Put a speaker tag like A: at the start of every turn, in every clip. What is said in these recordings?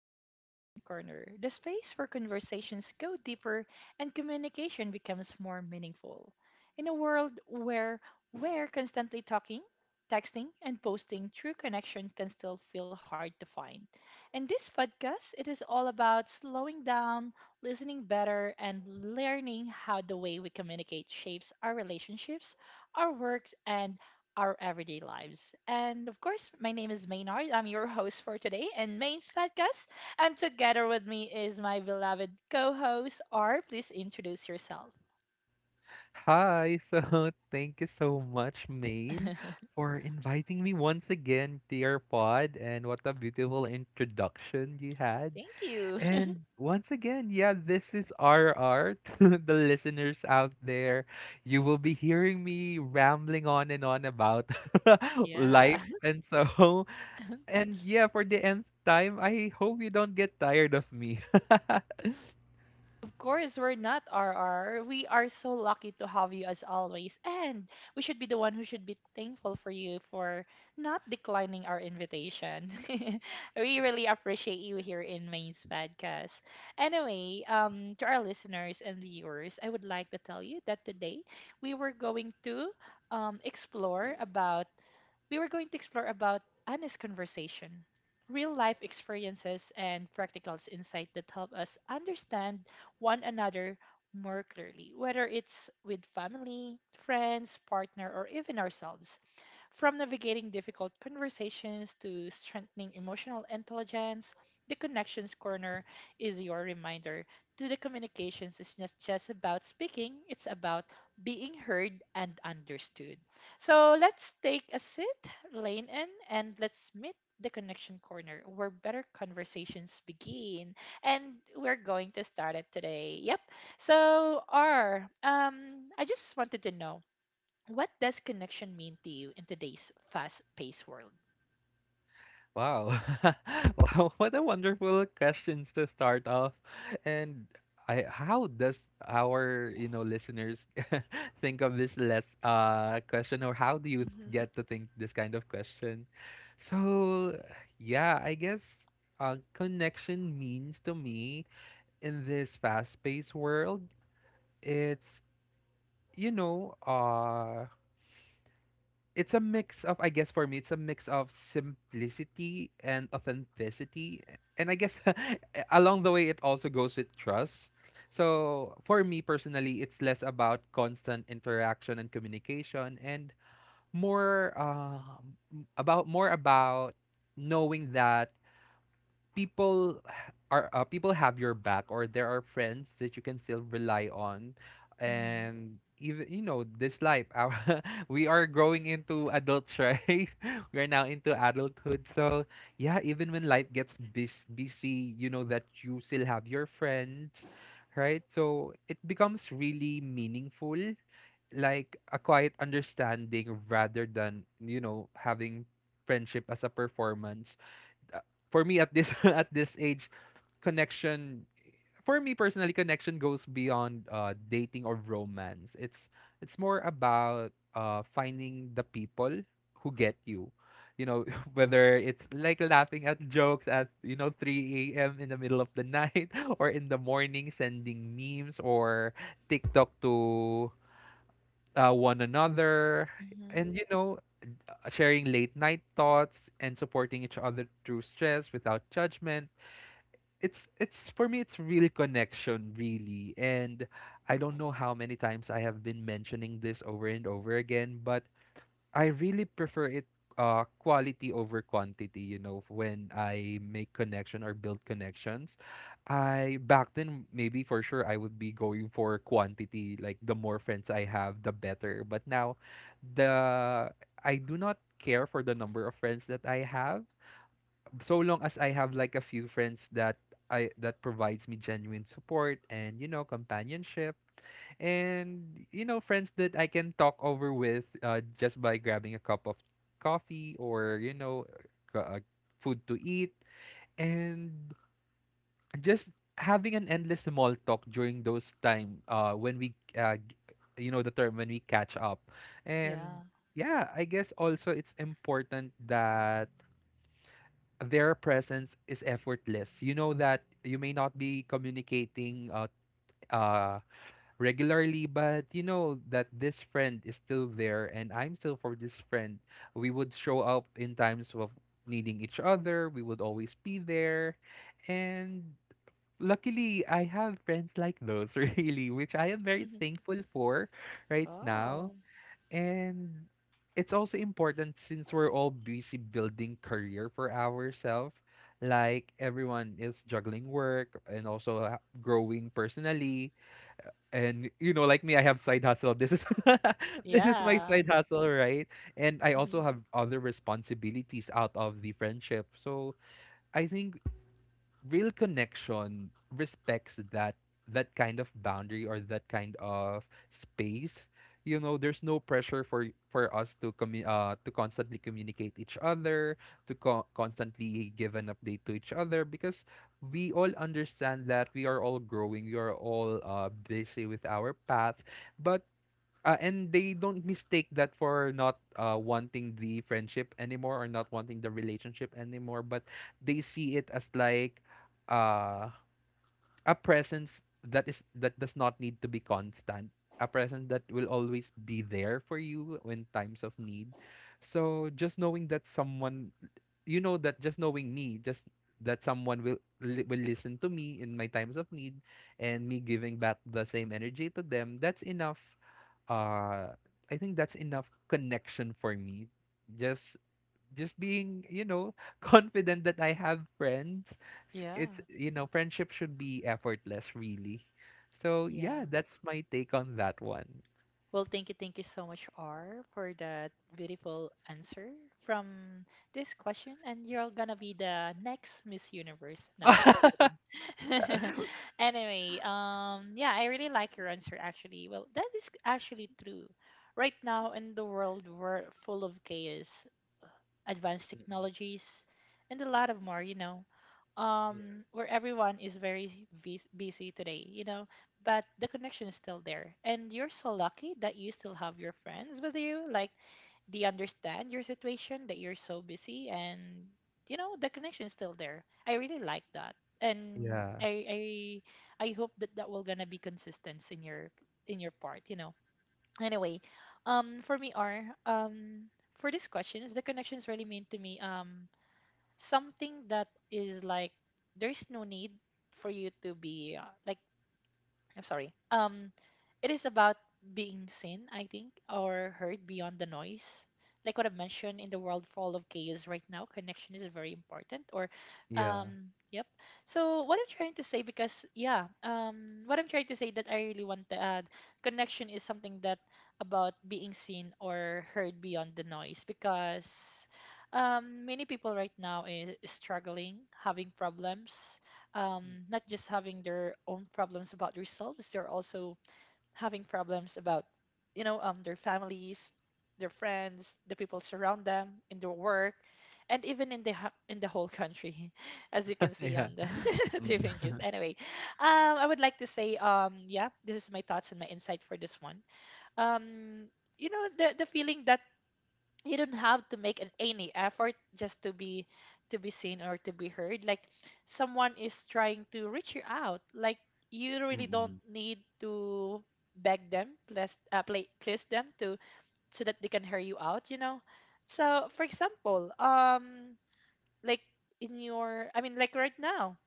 A: the Connection Corner, the space where conversations go deeper and communication becomes more meaningful. In a world where we're constantly talking, texting, and posting, true connection can still feel hard to find. In this podcast, it is all about slowing down, listening better, and learning how the way we communicate shapes our relationships, our works, and our everyday lives. And of course, my name is Maynard. I'm your host for today and Main's podcast. And together with me is my beloved co host, R. Please introduce yourself.
B: Hi, so thank you so much, Maine,
A: Thank
B: for inviting me once again to your pod, and what a beautiful introduction you had.
A: you.
B: And once again, yeah, this is RR to the listeners out there. You will be hearing me rambling on and on about
A: Yeah.
B: life and so. And yeah, for the nth time, I hope you don't get tired of me.
A: Of course, we're not RR. We are so lucky to have you as always. And we should be the one who should be thankful for you for not declining our invitation. We really appreciate you here in Main's podcast. Anyway, to our listeners and viewers, I would like to tell you that today we were going to explore about we were going to explore about honest conversation, real life experiences, and practical insight that help us understand one another more clearly, whether it's with family, friends, partner, or even ourselves. From navigating difficult conversations to strengthening emotional intelligence, the Connections Corner is your reminder to the communications is not just about speaking, it's about being heard and understood. So let's take a seat, lean in, and let's meet the Connection Corner where better conversations begin. And we're going to start it today. Yep. So, R, I just wanted to know, what does connection mean to you in today's fast paced world?
B: Wow. Wow, what a wonderful questions to start off. And I how does our, listeners think of this less question, or how do you
A: Mm-hmm.
B: get to think this kind of question? So, yeah, I guess connection means to me in this fast-paced world, it's you know, uh it's a mix of, I guess, for me it's a mix of simplicity and authenticity, and I guess along the way it also goes with trust. So for me personally it's less about constant interaction and communication, and more about knowing that people people have your back, or there are friends that you can still rely on.
A: Mm-hmm.
B: And even, this life, we are growing into adults, right? We are now into adulthood, so yeah, even when life gets busy, you know that you still have your friends, right? So it becomes really meaningful, like a quiet understanding rather than, you know, having friendship as a performance. Uh, for me, at this at this age, connection for me personally, connection goes beyond dating or romance. It's more about finding the people who get you. You know, whether it's like laughing at jokes at, 3 a.m. in the middle of the night, or in the morning sending memes or TikTok to, one another,
A: Mm-hmm.
B: and, sharing late night thoughts and supporting each other through stress without judgment. It's it's for me it's really connection, really. And I don't know how many times I have been mentioning this over and over again, but I really prefer it, quality over quantity. You know, when I make connection or build connections, I back then, maybe, for sure, I would be going for quantity, like the more friends I have the better. But now, the I do not care for the number of friends that I have, so long as I have like a few friends that I that provides me genuine support, and, you know, companionship. And, you know, friends that I can talk over with, just by grabbing a cup of coffee, or, you know, c- uh, food to eat, and just having an endless small talk during those time, when we, you know the term, when we catch up. And
A: Yeah.
B: yeah, I guess also it's important that their presence is effortless. You know that you may not be communicating, uh, regularly, but you know that this friend is still there, and I'm still for this friend. We would show up in times of needing each other, we would always be there. And luckily, I have friends like those, really, which I am very
A: Mm-hmm.
B: thankful for right now.
A: Oh.
B: And it's also important since we're all busy building career for ourselves. Like everyone is juggling work, and also growing personally. And, you know, like me, I have side hustle. This is this is my
A: Yeah.
B: side hustle, right? And I also
A: Mhm.
B: have other responsibilities out of the friendship. So I think real connection respects that kind of boundary, or that kind of space. You know, there's no pressure for for us to to constantly communicate each other, to constantly give an update to each other, because we all understand that we are all growing, we are all busy with our path. But uh, and they don't mistake that for not wanting the friendship anymore, or not wanting the relationship anymore, but they see it as like, uh, a presence that does not need to be constant, a presence that will always be there for you in times of need. So just knowing that someone, you know, that just knowing me, just that someone will will listen to me in my times of need, and me giving back the same energy to them, that's enough. uh I think that's enough connection for me. Just just being, you know, confident that I have friends. S-
A: Yeah.
B: It's, you know, friendship should be effortless, really. So, yeah,
A: Yeah.
B: that's my take on that one.
A: Well, thank you so much, R, for that beautiful answer from this question. And you're gonna be the next Miss Universe. No, I'm just kidding. Anyway, yeah, I really like your answer actually. Well, that is actually true. Right now in the world, we're full of chaos, advanced technologies, and a lot of more, you know, where everyone is very busy today, you know, but the connection is still there. And you're so lucky that you still have your friends with you. Like, they understand your situation, that you're so busy, and, you know, the connection is still there. I really like that. And
B: Yeah.
A: I I hope that that will gonna be consistent in your part, you know. Anyway, for me, are for these questions, the connections really mean to me something that is like, there's no need for you to be like, I'm sorry. It is about being seen, I think, or heard beyond the noise. Like what I mentioned, in the world full of chaos right now, connection is very important. Or,
B: Yeah. Yeah.
A: yep. So what I'm trying to say, because yeah, what I'm trying to say that I really want to add, connection is something that about being seen or heard beyond the noise. Because, many people right now is struggling, having problems, not just having their own problems about themselves, they're also having problems about, you know, their families, their friends, the people surround them in their work, and even in the in the whole country, as you can see
B: Yeah.
A: on the
B: Mm.
A: TV news. Anyway, I would like to say, yeah, this is my thoughts and my insight for this one. Um, you know, the feeling that you don't have to make any effort just to be seen or to be heard, like someone is trying to reach you out, like you really don't need to beg them, please, please them to, so that they can hear you out, you know. So for example, like, in your I mean like right now,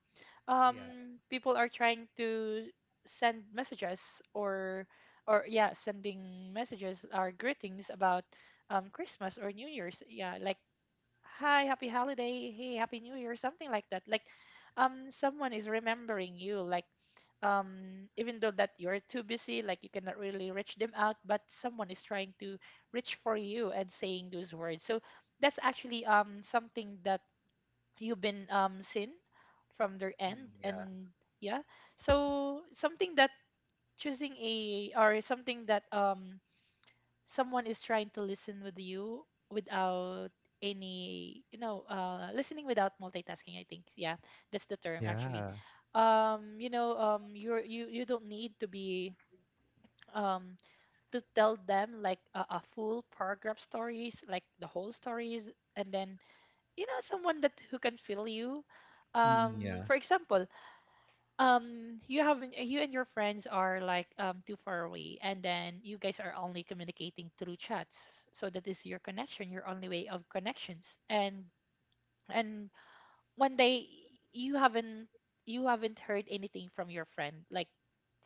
B: Yeah.
A: people are trying to send messages or, yeah, sending messages or greetings about, christmas or new year's, yeah, like hi happy holiday, hey happy new year, something like that, like someone is remembering you, like even though that you're too busy, like you cannot really reach them out, but someone is trying to reach for you and saying those words. So that's actually something that you've been, seen from their end.
B: Mm, yeah.
A: And yeah, so something that choosing a, or something that someone is trying to listen with you without, any, you know, listening without multitasking, I think, yeah, that's the term actually.
B: Yeah.
A: You know, you don't need to be um to tell them like a full paragraph stories, like the whole stories, and then you know someone that who can feel you.
B: Mm, yeah.
A: For example, you have, you and your friends are like, too far away, and then you guys are only communicating through chats, so that is your connection, your only way of connections. And one day, you haven't you haven't heard anything from your friend, like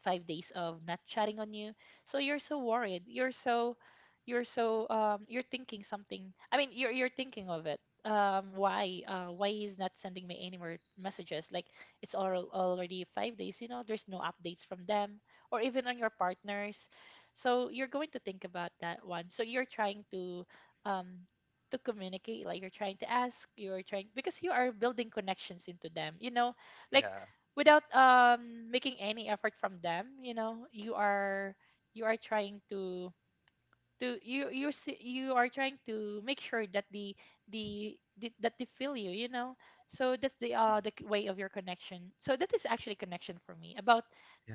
A: 5 days of not chatting on you. So you're so worried, you're so, you're thinking something, you're thinking of it, why, why he's not sending me any more messages, like it's all already 5 days, you know, there's no updates from them, or even on your partners. So you're going to think about that one, so you're trying um to communicate, like you're trying to ask, you're trying, because you are building connections into them, you know. Like
B: Yeah.
A: without, making any effort from them, you know, you are trying to, you are trying to make sure that the that they feel you, you know. So that's
B: Mm,
A: the way of your connection. So that is actually connection for me, about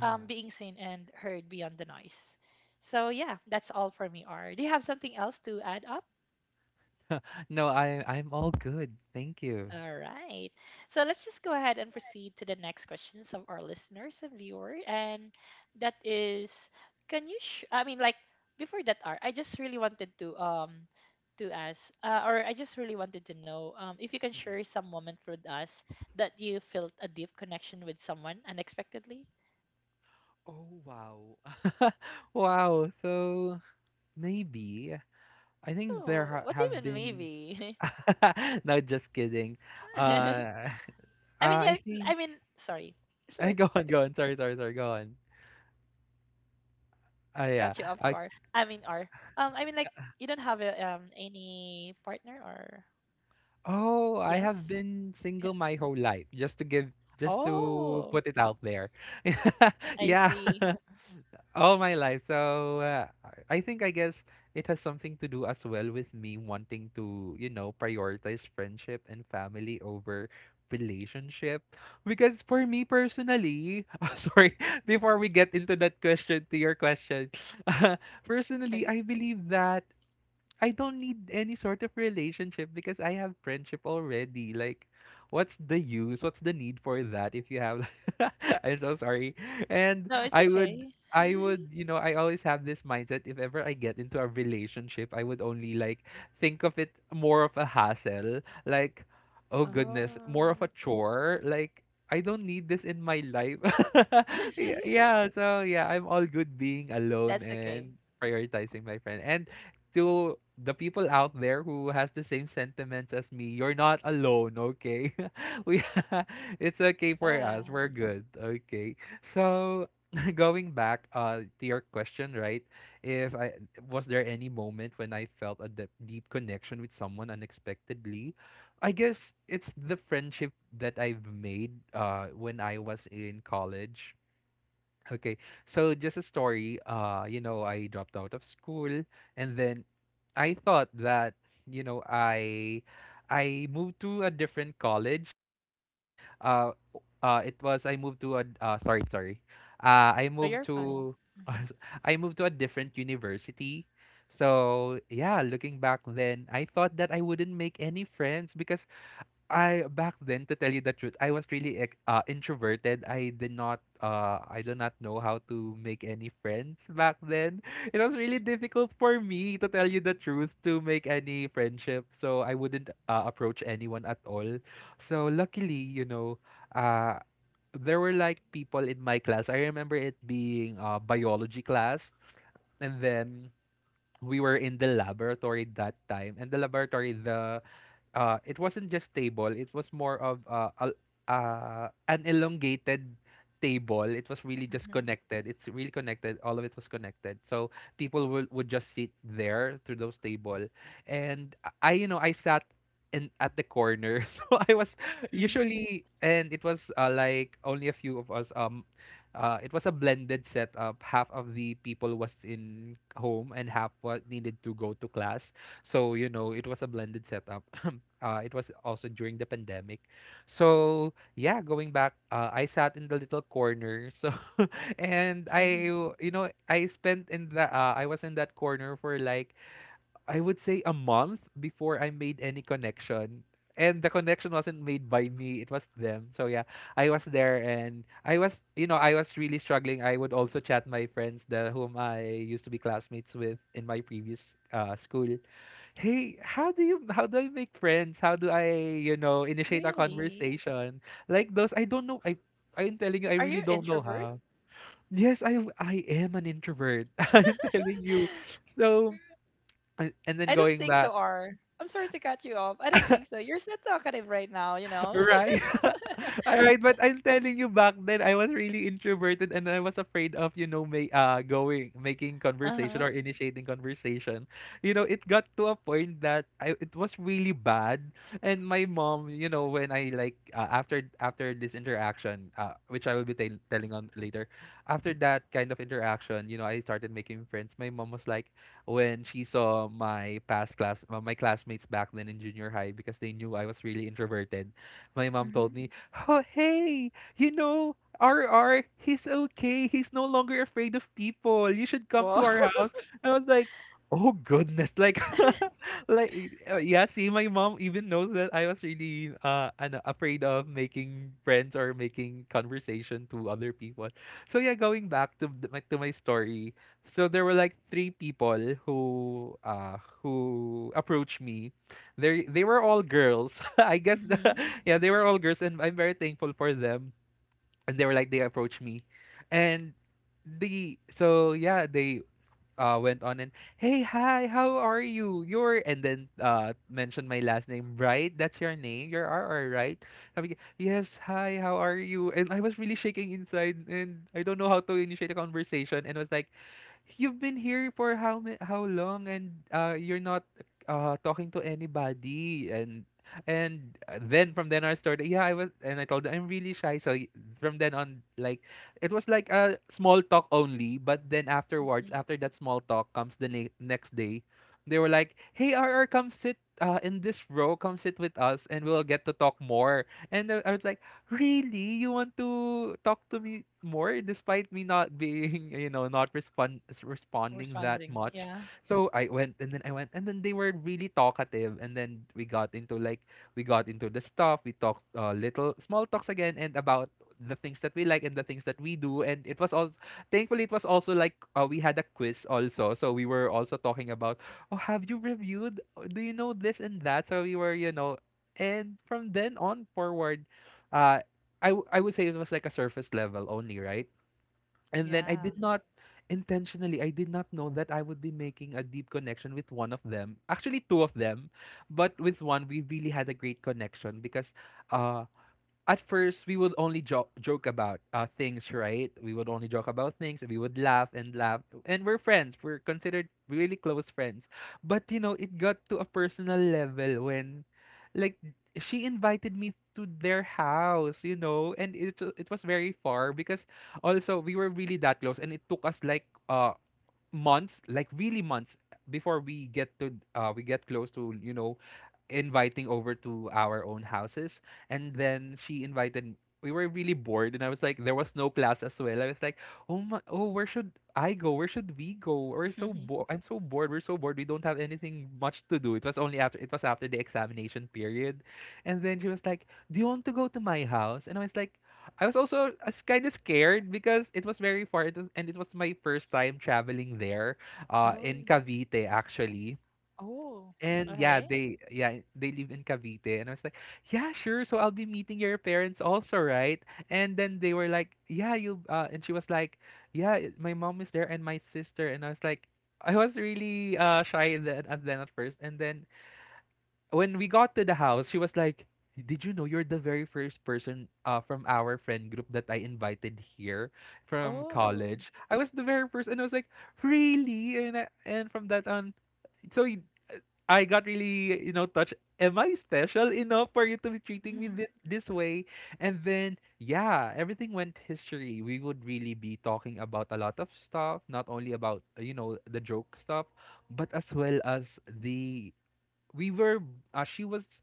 A: being seen and heard beyond the noise. So yeah, that's all for me. R, do you have something else to add up?
B: No, I'm all good. Thank you.
A: All right. So let's just go ahead and proceed to the next questions of our listeners and viewer. And that is, can you, sh- I mean, like, before that, R, I just really wanted to ask, or I just really wanted to know, if you can share some moment with us that you felt a deep connection with someone unexpectedly.
B: Oh, wow. Wow, so maybe I think there
A: Oh,
B: ha
A: what
B: have
A: even
B: been.
A: maybe?
B: No, just kidding. Uh,
A: I mean, yeah,
B: I
A: I
B: think
A: mean, sorry. Sorry to
B: go
A: catch
B: on,
A: you
B: go
A: off
B: on. Sorry,
A: guard.
B: sorry, sorry. Go
A: I
B: on.
A: mean, or um, I mean, like you don't
B: Uh,
A: have a,
B: yeah.
A: any partner or yes?
B: Oh,
A: Yeah.
B: I have been single my whole life, just
A: Oh,
B: to put it out there.
A: I
B: Yeah.
A: see.
B: All my life. So, I think, I guess, it has something to do as well with me wanting to, you know, prioritize friendship and family over relationship. Because for me personally, oh, sorry, before we get into that question to your question, personally,
A: Like,
B: I believe that I don't need any sort of relationship because I have friendship already. Like, what's the use? What's the need for that if you have I'm so sorry. And
A: no, it's okay.
B: I would, you know, I always have this mindset, if ever I get into a relationship, I would only like think of it more of a hassle, like, oh goodness, more of
A: Oh,
B: a chore, like, I don't need this in my life. Yeah, yeah, so yeah, I'm all good being alone
A: that's okay.
B: and prioritizing my friend. And to the people out there who has the same sentiments as me, you're not alone, okay? we It's okay for us.
A: Yeah.
B: We're good, okay? So going back, to your question, right? If I Was there any moment when I felt a deep connection with someone unexpectedly? I guess it's the friendship that I've made, when I was in college. Okay, so just a story. You know, I dropped out of school, and then I thought that, you know I I moved to a different college. It was, I moved to a, sorry, sorry, I
A: Oh,
B: moved
A: you're fine.
B: to
A: Hmm.
B: I moved to a different university. So yeah, looking back then, I thought that I wouldn't make any friends because I back then, to tell you the truth, I was really introverted. I do not know how to make any friends back then. It was really difficult for me, to tell you the truth, to make any friendship. So I wouldn't, approach anyone at all. So luckily, you know, uh there were like people in my class. I remember it being biology class. And then we were in the laboratory that time, and the laboratory, the it wasn't just table, it was more of, an elongated table. It was really just
A: Hmm.
B: connected, it's really connected, all of it was connected. So people would just sit there through those table. And I you know I sat in at the corner. So I was usually, and it was, like, only a few of us. It was a blended setup, half of the people was in home and half was needed to go to class. So, you know, it was a blended setup. It was also during the pandemic. So, yeah, going back, I sat in the little corner. So, and I,
A: Hmm.
B: you know, I spent in the, I was in that corner for, like, I would say a month before I made any connection. And the connection wasn't made by me, it was them. So yeah, I was there, and I was really struggling. I would also chat my friends, the whom I used to be classmates with in my previous, school. Hey, how do I make friends? How do I, you know, initiate a
A: Really?
B: conversation? Like those. I don't know. I'm telling you, I
A: Are
B: really
A: you
B: don't know
A: introvert?
B: how. Yes, I am an introvert. I'm telling you. So and then
A: I don't
B: going
A: think so,
B: back.
A: R. I'm sorry to cut you off. I don't think so. You're so talkative right now, you know?
B: Right. Alright, but I'm telling you, back then I was really introverted, and I was afraid of, you know, ma- going making conversation
A: Uh-huh.
B: or initiating conversation. You know, it got to a point that I it was really bad. And my mom, when I like after this interaction, which I will be telling on later, after that kind of interaction, I started making friends. My mom was like when she saw my past class my classmates back then in junior high, because they knew I was really introverted. My mom
A: Mm-hmm.
B: told me, "Oh, hey, you know, R, he's okay. He's no longer afraid of people. You should come
A: Whoa.
B: to our house." I was like, "Oh goodness!" Yeah. See, my mom even knows that I was really afraid of making friends or making conversation to other people. So yeah, going back to my story. So there were like three people who uh approached me. They were all girls. Yeah, they were all girls and I'm very thankful for them. And they were like they approached me. And the so yeah, they went on and, "Hey, hi, how are you? You're And then mentioned my last name. Right, "That's your name. You're R, right?" Sabi niya, "Yes, hi, how are you?" And I was really shaking inside and I don't know how to initiate a conversation. And was like, "You've been here for how long? And you're not talking to anybody." And then from then I started, yeah. I was, and I told her, "I'm really shy, so y-" From then on, like, it was like a small talk only, but then afterwards,
A: Mhm.
B: after that small talk comes the next day. They were like, "Hey, R, come sit in this row. Come sit with us, and we'll get to talk more." And I was like, "Really? You want to talk to me more, despite me not being, you know, not responding that
A: Responding,
B: much?"
A: yeah.
B: So I went, and then I went, and then they were really talkative. And then we got into like, we got into the stuff. We talked little small talks again, and about the things that we like and the things that we do. And it was also, thankfully, it was also like, we had a quiz also, so we were also talking about, "Oh, have you reviewed? Do you know this and that?" So we were, you know. And from then on forward, uh I would say it was like a surface level only, right? And then I
A: Yeah.
B: did not, intentionally, I did not know that I would be making a deep connection with one of them, actually two of them. But with one, we really had a great connection, because uh at first we would only joke about things, right? We would only joke about things. And we would laugh and laugh, and we're friends. We're considered really close friends. But you know, it got to a personal level when, like, she invited me to their house, you know. And it was very far, because also, we were really that close, and it took us like months, like really months, before we get to, we get close to, you know, inviting over to our own houses. And then she invited, we were really bored, and I was like, there was no class as well. I was like, "Oh my, oh, where should I go? Where should we go? We're so I'm so bored. We're so bored. We don't have anything much to do." It was only after, it was after the examination period. And then she was like, "Do you want to go to my house?" And I was like, I was also kind of scared, because it was very far, it was- and it was my first time traveling there, in
A: Oh.
B: Cavite actually.
A: Oh.
B: And yeah,
A: Okay.
B: they, yeah, they live in Cavite. And I was like, "Yeah, sure. So I'll be meeting your parents also, right?" And then they were like, "Yeah, you And she was like, "Yeah, my mom is there and my sister." And I was like, I was really shy then at first. And then when we got to the house, she was like, "Did you know you're the very first person from our friend group that I invited here from
A: Oh.
B: college? I was the very first." And I was like, "Really?" And I, and from that on, so y- I got really, you know, touched. "Am I special enough for you to be treating me
A: Mhm,
B: this way?" And then, yeah, everything went history. We would really be talking about a lot of stuff, not only about, you know, the joke stuff, but as well as the. We were, she was,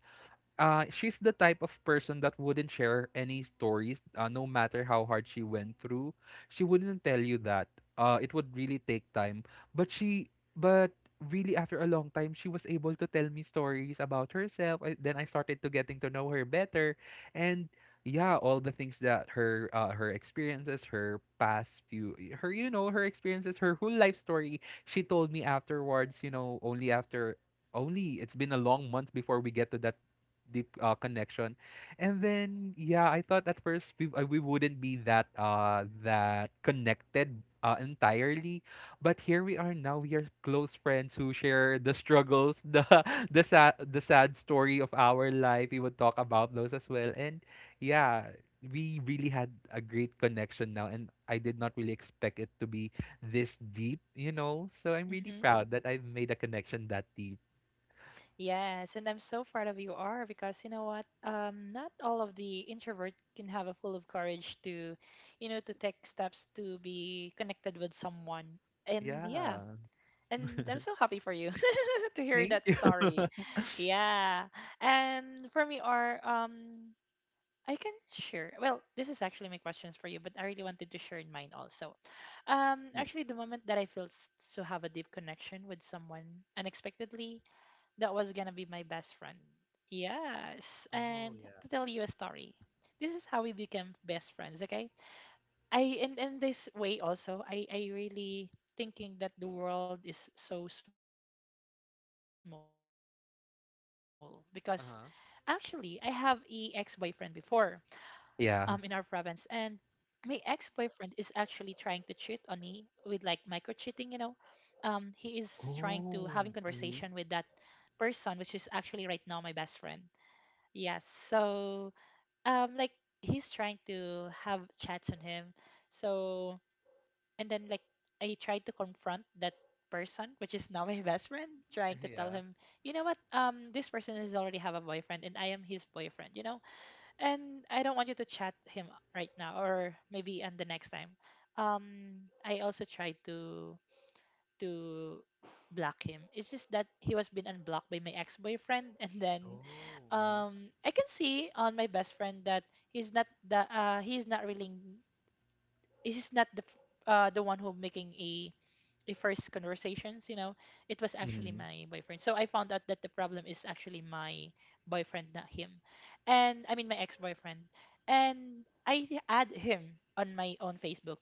B: she's the type of person that wouldn't share any stories, no matter how hard she went through, she wouldn't tell you that. It would really take time. But she, but really, after a long time, she was able to tell me stories about herself. I, then I started to getting to know her better. And yeah, all the things that her her experiences, her past few her, you know, her experiences, her whole life story, she told me afterwards. You know, only after, only it's been a long months before we get to that deep connection. And then yeah, I thought at first we wouldn't be that that connected entirely, but here we are now. We are close friends who share the struggles, the the sad story of our life. We would talk about those as well. And yeah, we really had a great connection now, and I did not really expect it to be this deep, you know. So I'm really
A: mhm.
B: proud that I've made a connection that deep.
A: Yes, and I'm so proud of you, are because you know what? Not all of the introvert can have a full of courage to, you know, to take steps to be connected with someone. And yeah,
B: Yeah.
A: and I'm so happy for you to hear that
B: Thank
A: story. Yeah, and for me, are I can share. Well, this is actually my questions for you, but I really wanted to share in mine also.
B: you.
A: Actually, the moment that I felt to have a deep connection with someone unexpectedly, that was gonna be my best friend. Yes,
B: Oh,
A: and
B: yeah.
A: to tell you a story, this is how we became best friends. Okay, I and in this way also, I really thinking that the world is so small, because actually I have a ex boyfriend before,
B: Uh-huh.
A: in our province, and my
B: Yeah.
A: ex-boyfriend is actually trying to cheat on me with like micro cheating, you know. He is trying to having conversation with that
B: Oh. Mm-hmm.
A: person, which is actually right now my best friend. Yes, so um like he's trying to have chats on him. So, and then like, I tried to confront that person, which is now my best friend, trying to tell
B: Yeah.
A: him, you know what, this person has already have a boyfriend and I am his boyfriend, you know, and I don't want you to chat him right now or maybe and the next time. I also tried to to block him. It's just that he was been unblocked by my ex-boyfriend, and then
B: Oh, uh-huh.
A: I can see on my best friend that he's not the he's not really he's not the f- the one who making a the first conversations, you know, it was actually
B: Hmm.
A: my boyfriend. So I found out that the problem is actually my boyfriend, not him. And I mean my ex-boyfriend. And I add him on my own Facebook.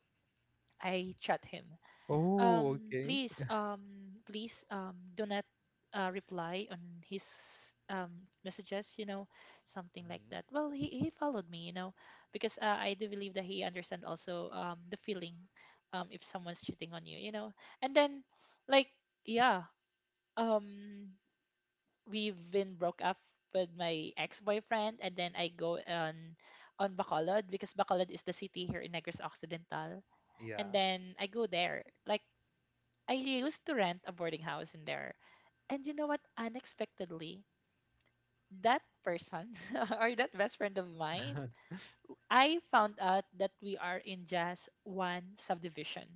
A: I chat him,
B: Oh,
A: um,
B: okay.
A: please, um, please, do not reply on his um messages. Something like
B: Mm-hmm.
A: that. Well, he followed me, because I do believe that he understand also the feeling, if someone's cheating on you. And then, like, yeah, um, we've been broke up with my ex boyfriend, and then I go on Bacolod because Bacolod is the city here in Negros Occidental, and
B: Yeah.
A: then I go there like I used to rent a boarding house in there. And you know what? Unexpectedly, that person or that best friend of mine, I found out that we are in just one subdivision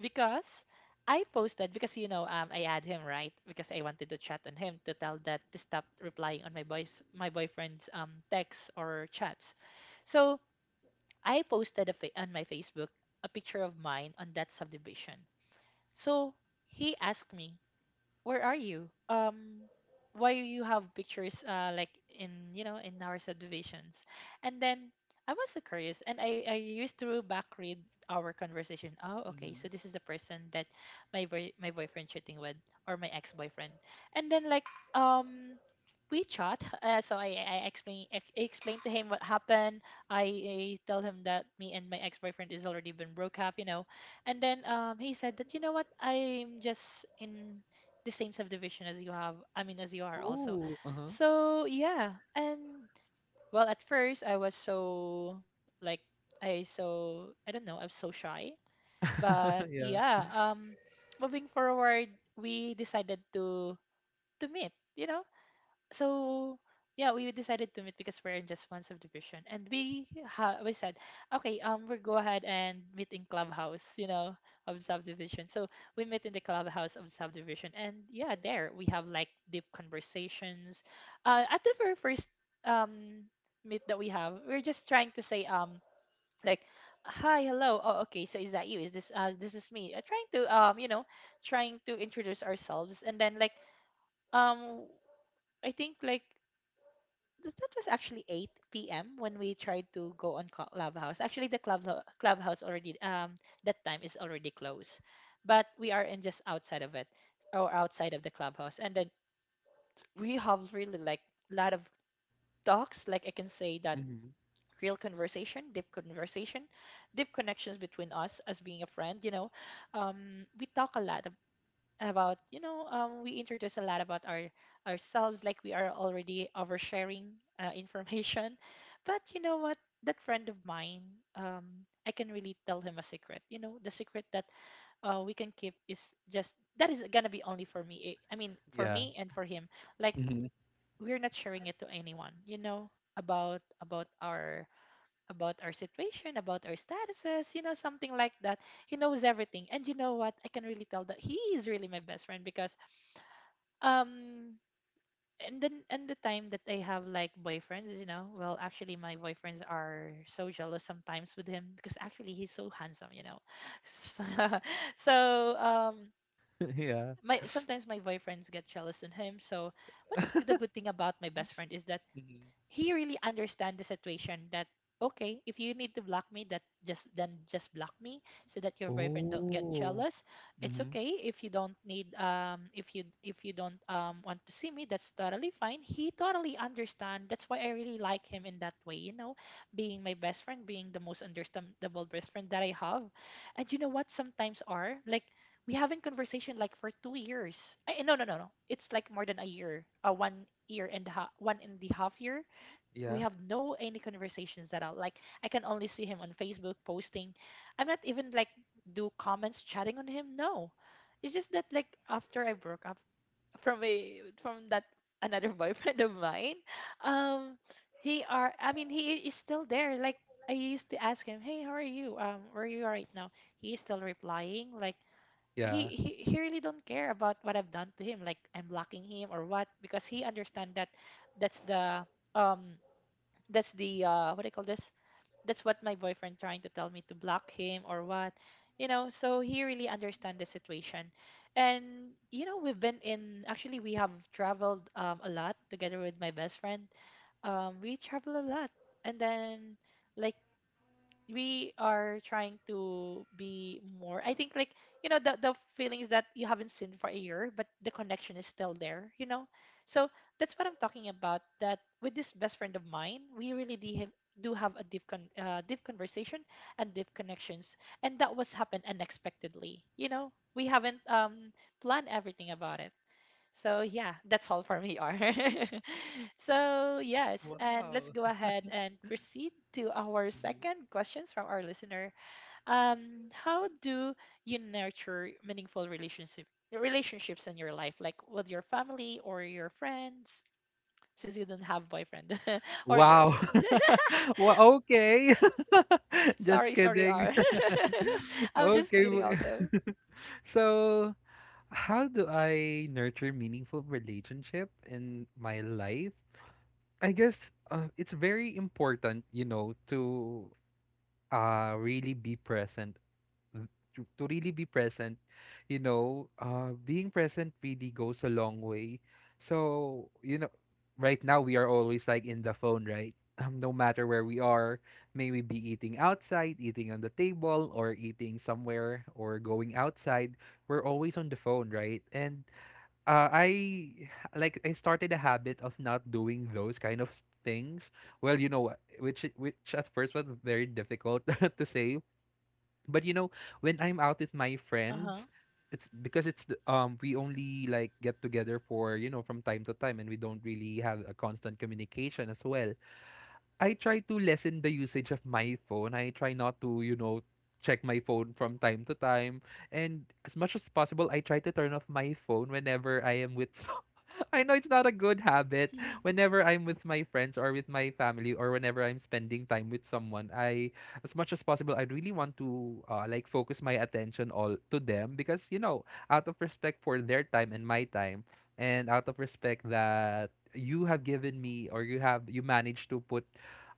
A: because I posted, because I add him, right, because I wanted to chat on him to tell that to stop replying on my boyfriend's texts or chats. So I posted on my Facebook a picture of mine on that subdivision. So he asked me, where are you? Why you have pictures like, in you know in our subdivisions? And then I was so curious, and I used to back read our conversation. Oh, okay,
B: Mm-hmm.
A: so this is the person that my boyfriend cheating with, or my ex boyfriend, and then, like, um. we chat, so I explained to him what happened. I tell him that me and my ex-boyfriend is already been broke up, and then he said that, you know what, I'm just in the same subdivision as you have, I mean, as you are also.
B: Oh, uh-huh.
A: So yeah, and, well, at first I was so, like, I don't know, I'm so shy, but
B: Yeah.
A: yeah, moving forward, we decided to meet, you know. So yeah, we decided to meet because we're in just one subdivision, and we said, okay, we'll go ahead and meet in clubhouse, you know, of subdivision. So we met in the clubhouse of subdivision, and yeah, there we have like deep conversations. At the very first um meet that we have, we're just trying to say like, hi, hello, oh okay, so is that you? Is this This is me? Trying to, trying to introduce ourselves, and then, like, um I think, like, that was actually 8 p.m. when we tried to go on Clubhouse. Actually, the club Clubhouse already, that time is already closed, but we are in just outside of it, or outside of the clubhouse, and then we have really like a lot of talks. Like I can say that
B: Mm-hmm.
A: real conversation, deep connections between us as being a friend. We talk a lot about, we introduce a lot about ourselves, like we are already oversharing information. But you know what, that friend of mine, um, I can really tell him a secret, you know, the secret that we can keep is just that, is gonna be only for me, I mean, for
B: Yeah.
A: me and for him, like
B: Hmm.
A: we're not sharing it to anyone, you know, about our, about our situation, about our statuses, you know, something like that. He knows everything, and you know what, I can really tell that he is really my best friend because, um and the time that I have like boyfriends, you know, well, actually, my boyfriends are so jealous sometimes with him because actually he's so handsome, you know. So, so, um
B: Yeah.
A: my, sometimes, my boyfriends get jealous in him. So what's the good thing about my best friend is that
B: Mm-hmm.
A: he really understand the situation that, okay, if you need to block me, that just then just block me so that your boyfriend don't get
B: Oh.
A: jealous. It's
B: Hmm.
A: okay if you don't need, if you don't want to see me, that's totally fine. He totally understand. That's why I really like him in that way, you know, being my best friend, being the most understandable best friend that I have. And you know what, sometimes are like, we having conversation like for 2 years. No, no, no, no, it's like more than a year, one year and a half, one and a half year, we
B: Yeah.
A: have no any conversations at all. Like I can only see him on Facebook posting. I'm not even like do comments chatting on him. No, it's just that, like, after I broke up from that another boyfriend of mine, um, he are I mean, he is still there. Like I used to ask him, hey, how are you? Where are you right now? He is still replying, like.
B: Yeah.
A: He really don't care about what I've done to him, like, I'm blocking him or what, because he understand that, that's the, um that's the, what do you call this, that's what my boyfriend trying to tell me, to block him or what, you know. So he really understand the situation. And, you know, we've been in actually we have traveled, a lot together with my best friend. We travel a lot, and then, like, we are trying to be more, I think, like, you know, the feelings that you haven't seen for a year, but the connection is still there, you know. So that's what I'm talking about, that with this best friend of mine, we really do have a deep conversation, and deep connections. And that was happened unexpectedly, you know, we haven't planned everything about it. So yeah, that's all for me, R. So yes, and let's
B: Wow.
A: go ahead and proceed to our
B: Mm-hmm.
A: second questions from our listener. How do you nurture meaningful relationships in your life, like with your family or your friends? Since you don't have boyfriend or
B: Wow.
A: girlfriend.
B: Well, okay. Just
A: Sorry, sorry,
B: kidding.
A: R. I'm just
B: Okay.
A: kidding. Also,
B: So, how do I nurture meaningful relationship in my life? I guess it's very important, you know, to really be present, th- to really be present. You know, being present really goes a long way. So, you know, right now we are always like in the phone, right? No matter where we are, may we be eating outside, eating on the table, or eating somewhere, or going outside, we're always on the phone, right? And I, like, I started a habit of not doing those kind of things. Well, you know, what, which at first was very difficult to say. But you know, when I'm out with my
A: uh huh.
B: friends, it's because it's we only like get together for, you know, from time to time, and we don't really have a constant communication as well. I try to lessen the usage of my phone. I try not to, you know, check my phone from time to time. And as much as possible, I try to turn off my phone whenever I am with some. I know it's not a good habit. Whenever I'm with my friends or with my family, or whenever I'm spending time with someone, I, as much as possible, I really want to like focus my attention all to them, because you know, out of respect for their time and my time, and out of respect that you have given me, or you have you managed to put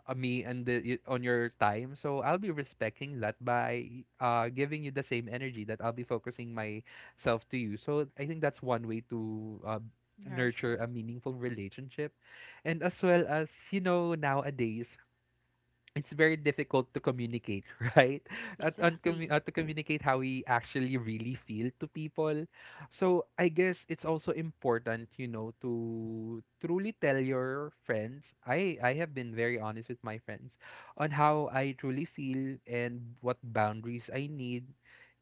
B: me and the, on your time. So I'll be respecting that by giving you the same energy that I'll be focusing myself to you. So I think that's one way to
A: Nurture.
B: nurture a meaningful relationship. And as well as, you know, nowadays, it's very difficult to communicate, right?
A: Exactly.
B: To communicate how we actually really feel to people. So I guess it's also important, you know, to truly tell your friends. I have been very honest with my friends on how I truly feel and what boundaries I need.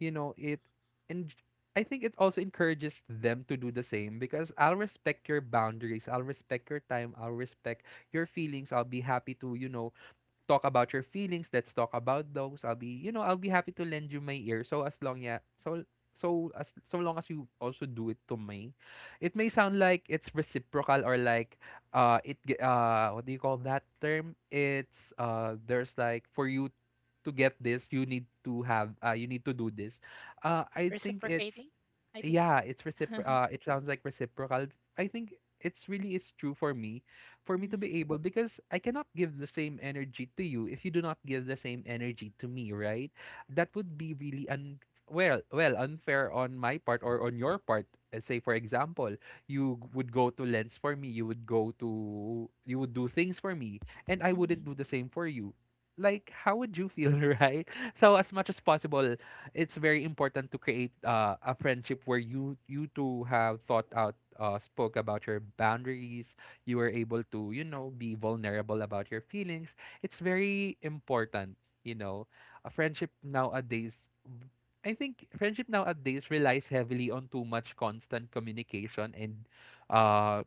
B: You know, it, and I think it also encourages them to do the same, because I'll respect your boundaries, I'll respect your time, I'll respect your feelings, I'll be happy to, you know, talk about your feelings. Let's talk about those. I'll be, you know, I'll be happy to lend you my ear. So as long, yeah, so long as you also do it to me, it may sound like it's reciprocal, or like what do you call that term? It's there's like, for you to get this, you need to have you need to do this. I think it's,
A: Reciprocating. I think.
B: yeah, it's recipro it sounds like reciprocal. I think it's really is true for me to
A: Hmm.
B: be able because I cannot give the same energy to you if you do not give the same energy to me, right? That would be really well, unfair on my part or on your part. Say for example, would go to Lens for me, you would do things for me, and I wouldn't do the same for you. Like, how would you feel, right? So as much as possible, it's very important to create a friendship where you two have thought out spoke about your boundaries. You were able to be vulnerable about your feelings. It's very important, you know, a friendship nowadays. I think friendship nowadays relies heavily on too much constant communication and uh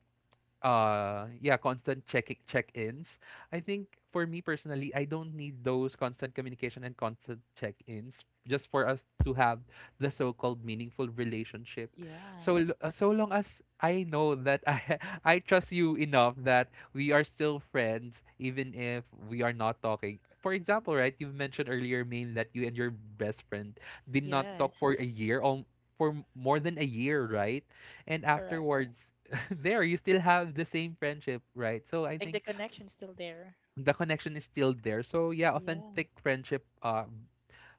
B: yeah constant check-ins. I think for me personally I don't need those constant communication and constant check-ins just for us to have the so-called meaningful relationship.
A: Yeah.
B: So long as I know that I I trust you enough that we are still friends even if we are not talking. For example, right, you mentioned earlier main that you and your best friend did not talk
A: Yes.
B: for a year or for more than a year, right? And
A: Correct.
B: afterwards there you still have the same friendship, right? So I
A: Like the
B: think
A: connection's still there.
B: the connection is still there. So yeah,
A: Yeah.
B: authentic friendship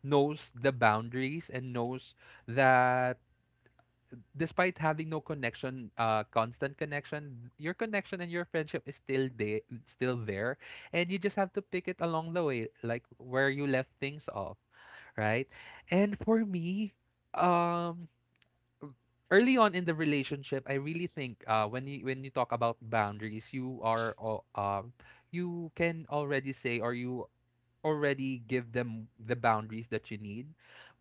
B: knows the boundaries and knows that despite having no connection, constant connection, your connection and your friendship is still there, still there, and you just have to pick it along the way, like where you left things off, right? And for me, um early on in the relationship, I really think when you talk about boundaries, you can already say or you already give them the boundaries that you need.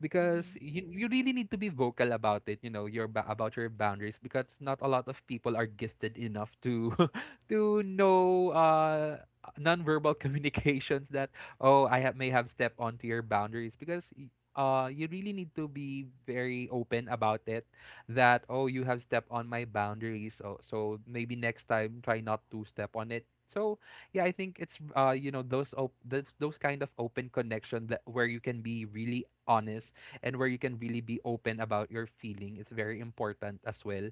B: Because
A: Hmm.
B: you really need to be vocal about it. You know your about your boundaries because not a lot of people are gifted enough to to know nonverbal communications that, oh, may have stepped onto your boundaries. Because you really need to be very open about it. That, oh, you have stepped on my boundaries, so maybe next time try not to step on it. So yeah, I think it's you know those those kind of open connection that where you can be really honest and where you can really be open about your feeling is very important as well,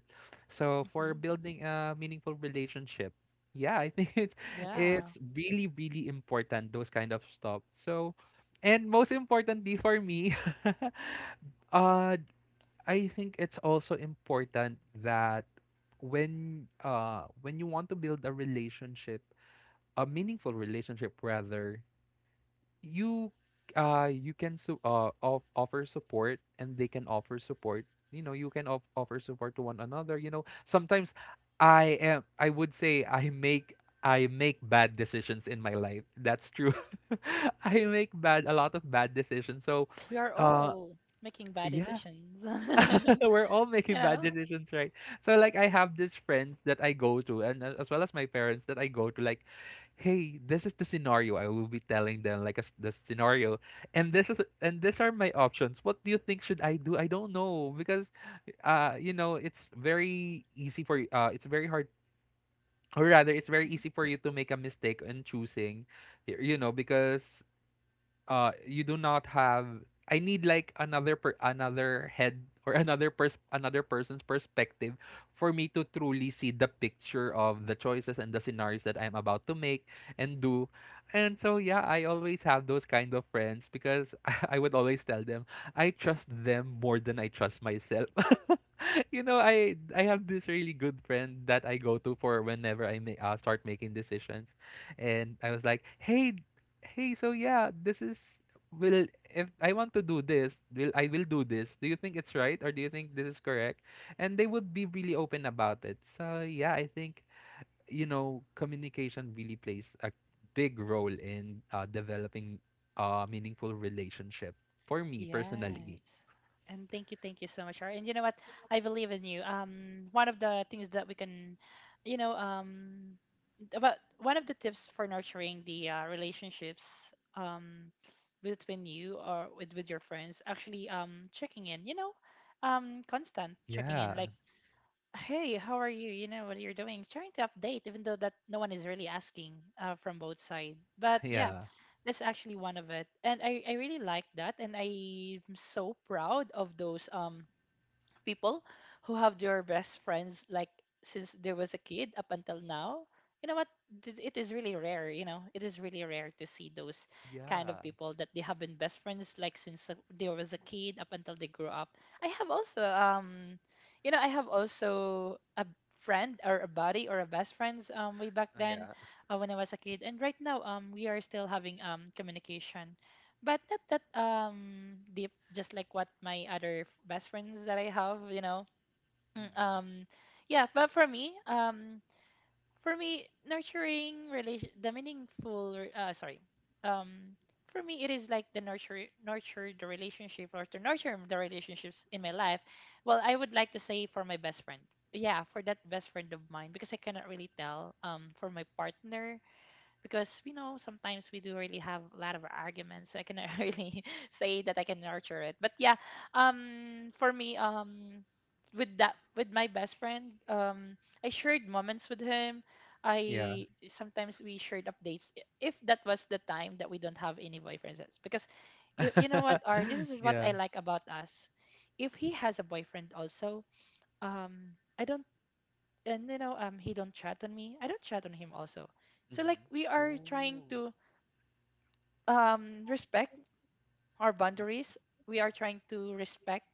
B: so for
A: Hmm.
B: building a meaningful relationship. Yeah, I think
A: Yeah.
B: it's really really important those kind of stuff. So and most importantly for me, uh I think it's also important that when you want to build a relationship, a meaningful relationship rather, you you can offer support and they can offer support. You know, you can offer support to one another. You know, sometimes I would say I make bad decisions in my life, that's true. I make bad a lot of bad decisions, so
A: We are
B: uh
A: all making bad
B: yeah.
A: decisions.
B: We're all
A: You
B: making bad
A: know?
B: decisions, right? So like I have these friends that I go to, and as well as my parents that I go to. Like, hey, this is the scenario. I will be telling them like the scenario, and this is and these are my options. What do you think, should I do? I don't know because you know, it's very easy for y- it's very hard, or rather it's very easy for you to make a mistake in choosing. You know, because you do not have, I need like another head or another person's perspective for me to truly see the picture of the choices and the scenarios that I'm about to make and do. And so yeah, I always have those kind of friends because I would always tell them I trust them more than I trust myself. You know, I have this really good friend that I go to for whenever I may start making decisions, and I was like, "Hey, hey, so yeah, this is will, if I want to do this, will I will do this. Do you think it's right or do you think this is correct?" And they would be really open about it. So yeah, I think, you know, communication really plays a big role in developing a meaningful relationship for me personally.
A: Yes. And thank you so much, Shar. And you know what? I believe in you. One of the things that we can, you know, about one of the tips for nurturing the, relationships, um, between you, or with your friends, actually, checking in, you know, constant checking in.
B: Yeah,
A: Like, hey, how are you? You know what you're doing, trying to update, even though that no one is really asking, from both side. But yeah,
B: yeah,
A: that's actually one of it, and I really like that, and I'm so proud of those, people who have their best friends, like since there was a kid up until now. You know what, it is really rare, you know, it is really rare to see those kind of
B: yeah,
A: people that they have been best friends like since, they was a kid up until they grew up. I have also, you know, I have also a friend or a buddy or a best friends, way back then,
B: yeah,
A: when I was a kid, and right now, we are still having communication, but not that deep, just like what my other best friends that I have, you know. Mm,
B: mm,
A: Um, yeah, but for me, nurturing relation, the meaningful, re- sorry, um, for me, it is like the nurture the relationship, or to nurture the relationships in my life. Well, I would like to say for my best friend, yeah, for that best friend of mine, because I cannot really tell, for my partner, because, you know, sometimes we do really have a lot of arguments, so I cannot really say that I can nurture it, but yeah, for me, with my best friend, I shared moments with him,
B: yeah,
A: I sometimes we shared updates. If that was the time that we don't have any boyfriends, because if, you know, what are, this is what I
B: yeah.
A: like about us. If he has a boyfriend also, I don't, and, you know, he don't chat on me, I don't chat on him also. So, like,
B: Mm-hmm.
A: we are trying
B: Oh.
A: to, respect our boundaries. We are trying to respect,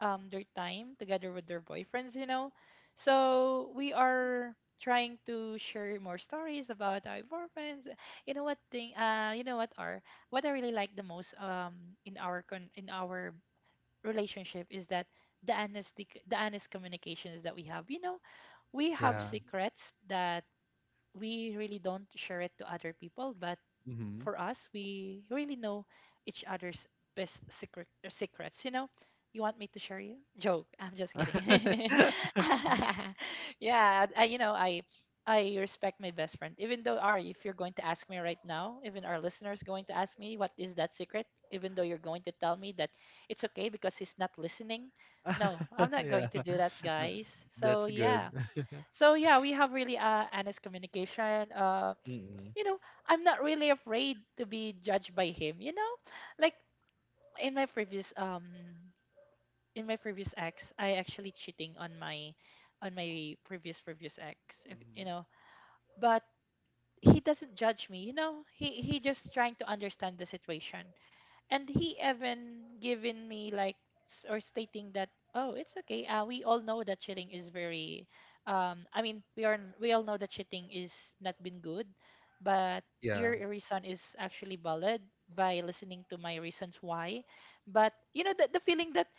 A: their time together with their boyfriends, you know. So we are trying to share more stories about our boyfriends. You know what thing, you know what are, what I really like the most, in our relationship is that the honest communications that we have, you know. We have
B: Yeah.
A: secrets that we really don't share it to other people, but
B: Mm-hmm.
A: for us, we really know each other's best secret secrets. You know, you want me to share you joke? I'm just kidding. Yeah, I, you know, I respect my best friend. Even though Ari, if you're going to ask me right now, even our listeners going to ask me what is that secret, even though you're going to tell me that it's okay because he's not listening. No, I'm not
B: Yeah.
A: going to do that,
B: Uh,
A: guys.
B: that's
A: So
B: good.
A: yeah, so yeah, we have really honest communication.
B: Mm-mm.
A: You know, I'm not really afraid to be judged by him. You know, like in my previous um in my previous ex, I actually cheating on my on my previous ex. You
B: Mm-hmm.
A: know, but he doesn't judge me. You know, he just trying to understand the situation, and he even given me like s- or stating that oh it's okay, we all know that cheating is very we all know that cheating is not been good, but your
B: Yeah.
A: reason is actually valid by listening to my reasons why. But you know the feeling that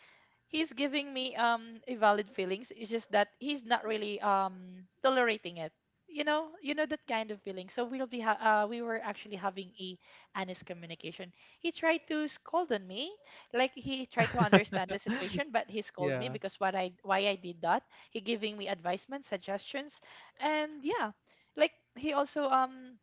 A: he's giving me, um, invalid feelings. It's just that he's not really tolerating it. You know that kind of feeling. So we were actually having a honest communication. He tried to scold on me, like he tried to understand the situation, but he scolded me
B: Yeah.
A: because what I why I did that. He giving me advisement, suggestions, and yeah, like he also, um,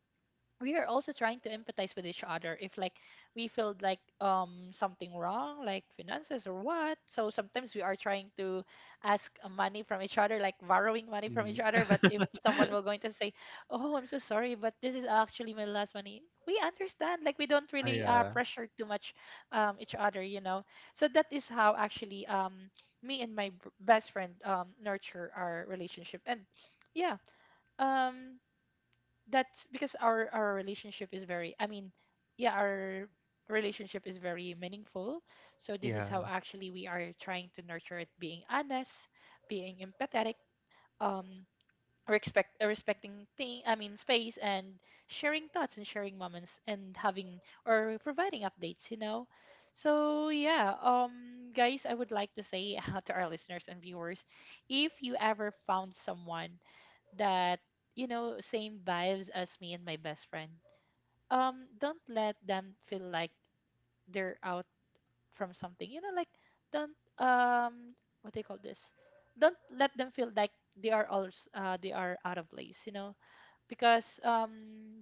A: we are also trying to empathize with each other if like we feel like, um, something wrong like finances or what. So sometimes we are trying to ask, money from each other, like borrowing money from each
B: Mm-hmm.
A: other. But if someone will going to say oh I'm so sorry but this is actually my last money, we understand. Like we don't
B: Ah,
A: really
B: yeah.
A: pressure too much, each other, you know. So that is how actually, um, me and my best friend, um, nurture our relationship. And yeah, um, that's because our relationship is very, I mean, yeah, our relationship is very meaningful. So this is
B: Yeah.
A: how actually we are trying to nurture it: being honest, being empathetic, um, respecting thing I mean space, and sharing thoughts and sharing moments and having or providing updates, you know. So yeah, um, guys, I would like to say to our listeners and viewers, if you ever found someone that, you know, same vibes as me and my best friend, um, don't let them feel like they're out from something, you know. Like don't, um, what do you call this, don't let them feel like they are all, they are out of place, you know. Because,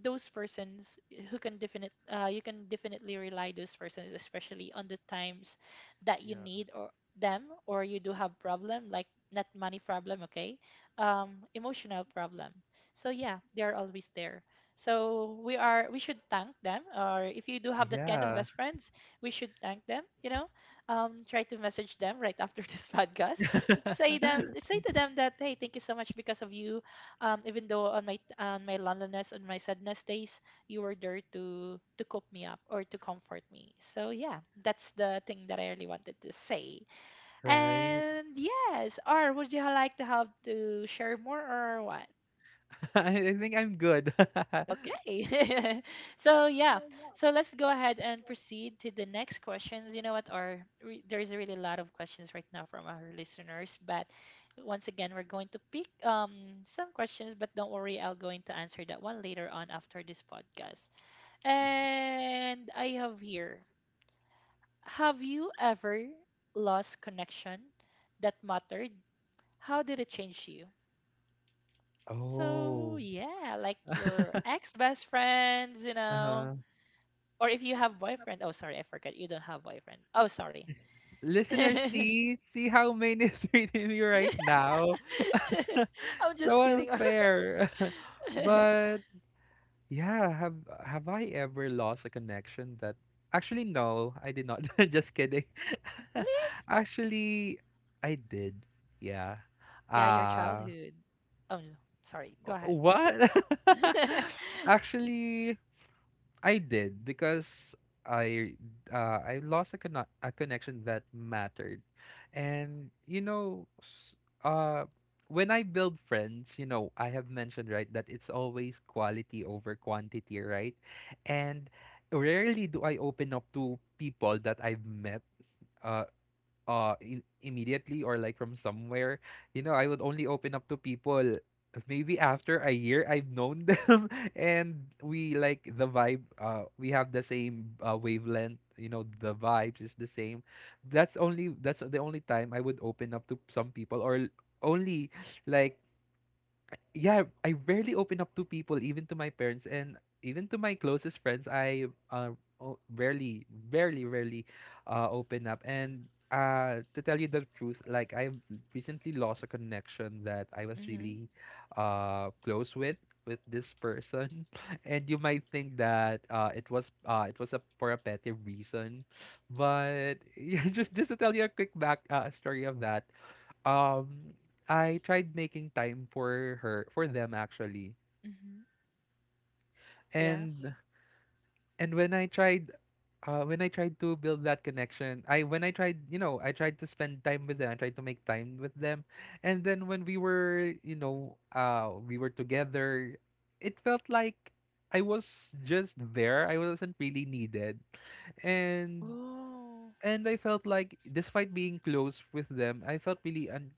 A: those persons who can definite you can definitely rely those persons, especially on the times that you
B: Yeah.
A: need or them, or you do have problem like not money problem, okay, emotional problem. So yeah, they are always there. So we are we should thank them, or if you do have that kind of
B: Yeah.
A: best friends, we should thank them, you know. Um, try to message them right after this podcast. Say them, say to them that hey, thank you so much, because of you, even though on my loneliness, on my sadness days, you were there to cope me up or to comfort me. So yeah, that's the thing that I really wanted to say.
B: Right.
A: And yes, or would you like to have to share more or what?
B: I think I'm good.
A: Okay. So yeah. So let's go ahead and proceed to the next questions. You know what? Our there's really a really lot of questions right now from our listeners, but once again, we're going to pick some questions, but don't worry, I'll going to answer that one later on after this podcast. And I have here. Have you ever lost connection that mattered? How did it change you? So
B: Oh.
A: yeah, like your ex best friends, you know.
B: Uh-huh.
A: Or if you have boyfriend. Oh, sorry, I forgot. You don't have boyfriend. Oh, sorry.
B: Listener, see how Maine is reading me right now.
A: I'm just
B: So
A: kidding.
B: unfair.
A: Really?
B: But yeah, have I ever lost a connection that, actually no, I did not. Just kidding. Actually, I did. Yeah.
A: Yeah, your
B: Uh,
A: childhood. Oh, no. Sorry. Go ahead.
B: what? Actually, I did, because I, I lost a connection that mattered. And you know, uh, when I build friends, you know, I have mentioned, right, that it's always quality over quantity, right? And rarely do I open up to people that I've met. Uh, Immediately or like from somewhere, you know, I would only open up to people maybe after a year I've known them. And we like the vibe, we have the same wavelength, you know, the vibes is the same. That's the only time I would open up to some people or only like. Yeah, I rarely open up to people, even to my parents and even to my closest friends. Rarely, rarely, rarely open up. And to tell you the truth, like I've recently lost a connection that I was
A: Mhm.
B: really close with this person. And you might think that it was a for a petty reason, but yeah, just to tell you a quick back story of that. um I tried making time for them, actually.
A: Mhm. Yes.
B: And when I tried, when I tried to build that connection, I when I tried, you know, I tried to spend time with them, I tried to make time with them. And then when we were, you know, we were together, it felt like I was just there. I wasn't really needed. And
A: Oh.
B: I felt like despite being close with them, I felt really un,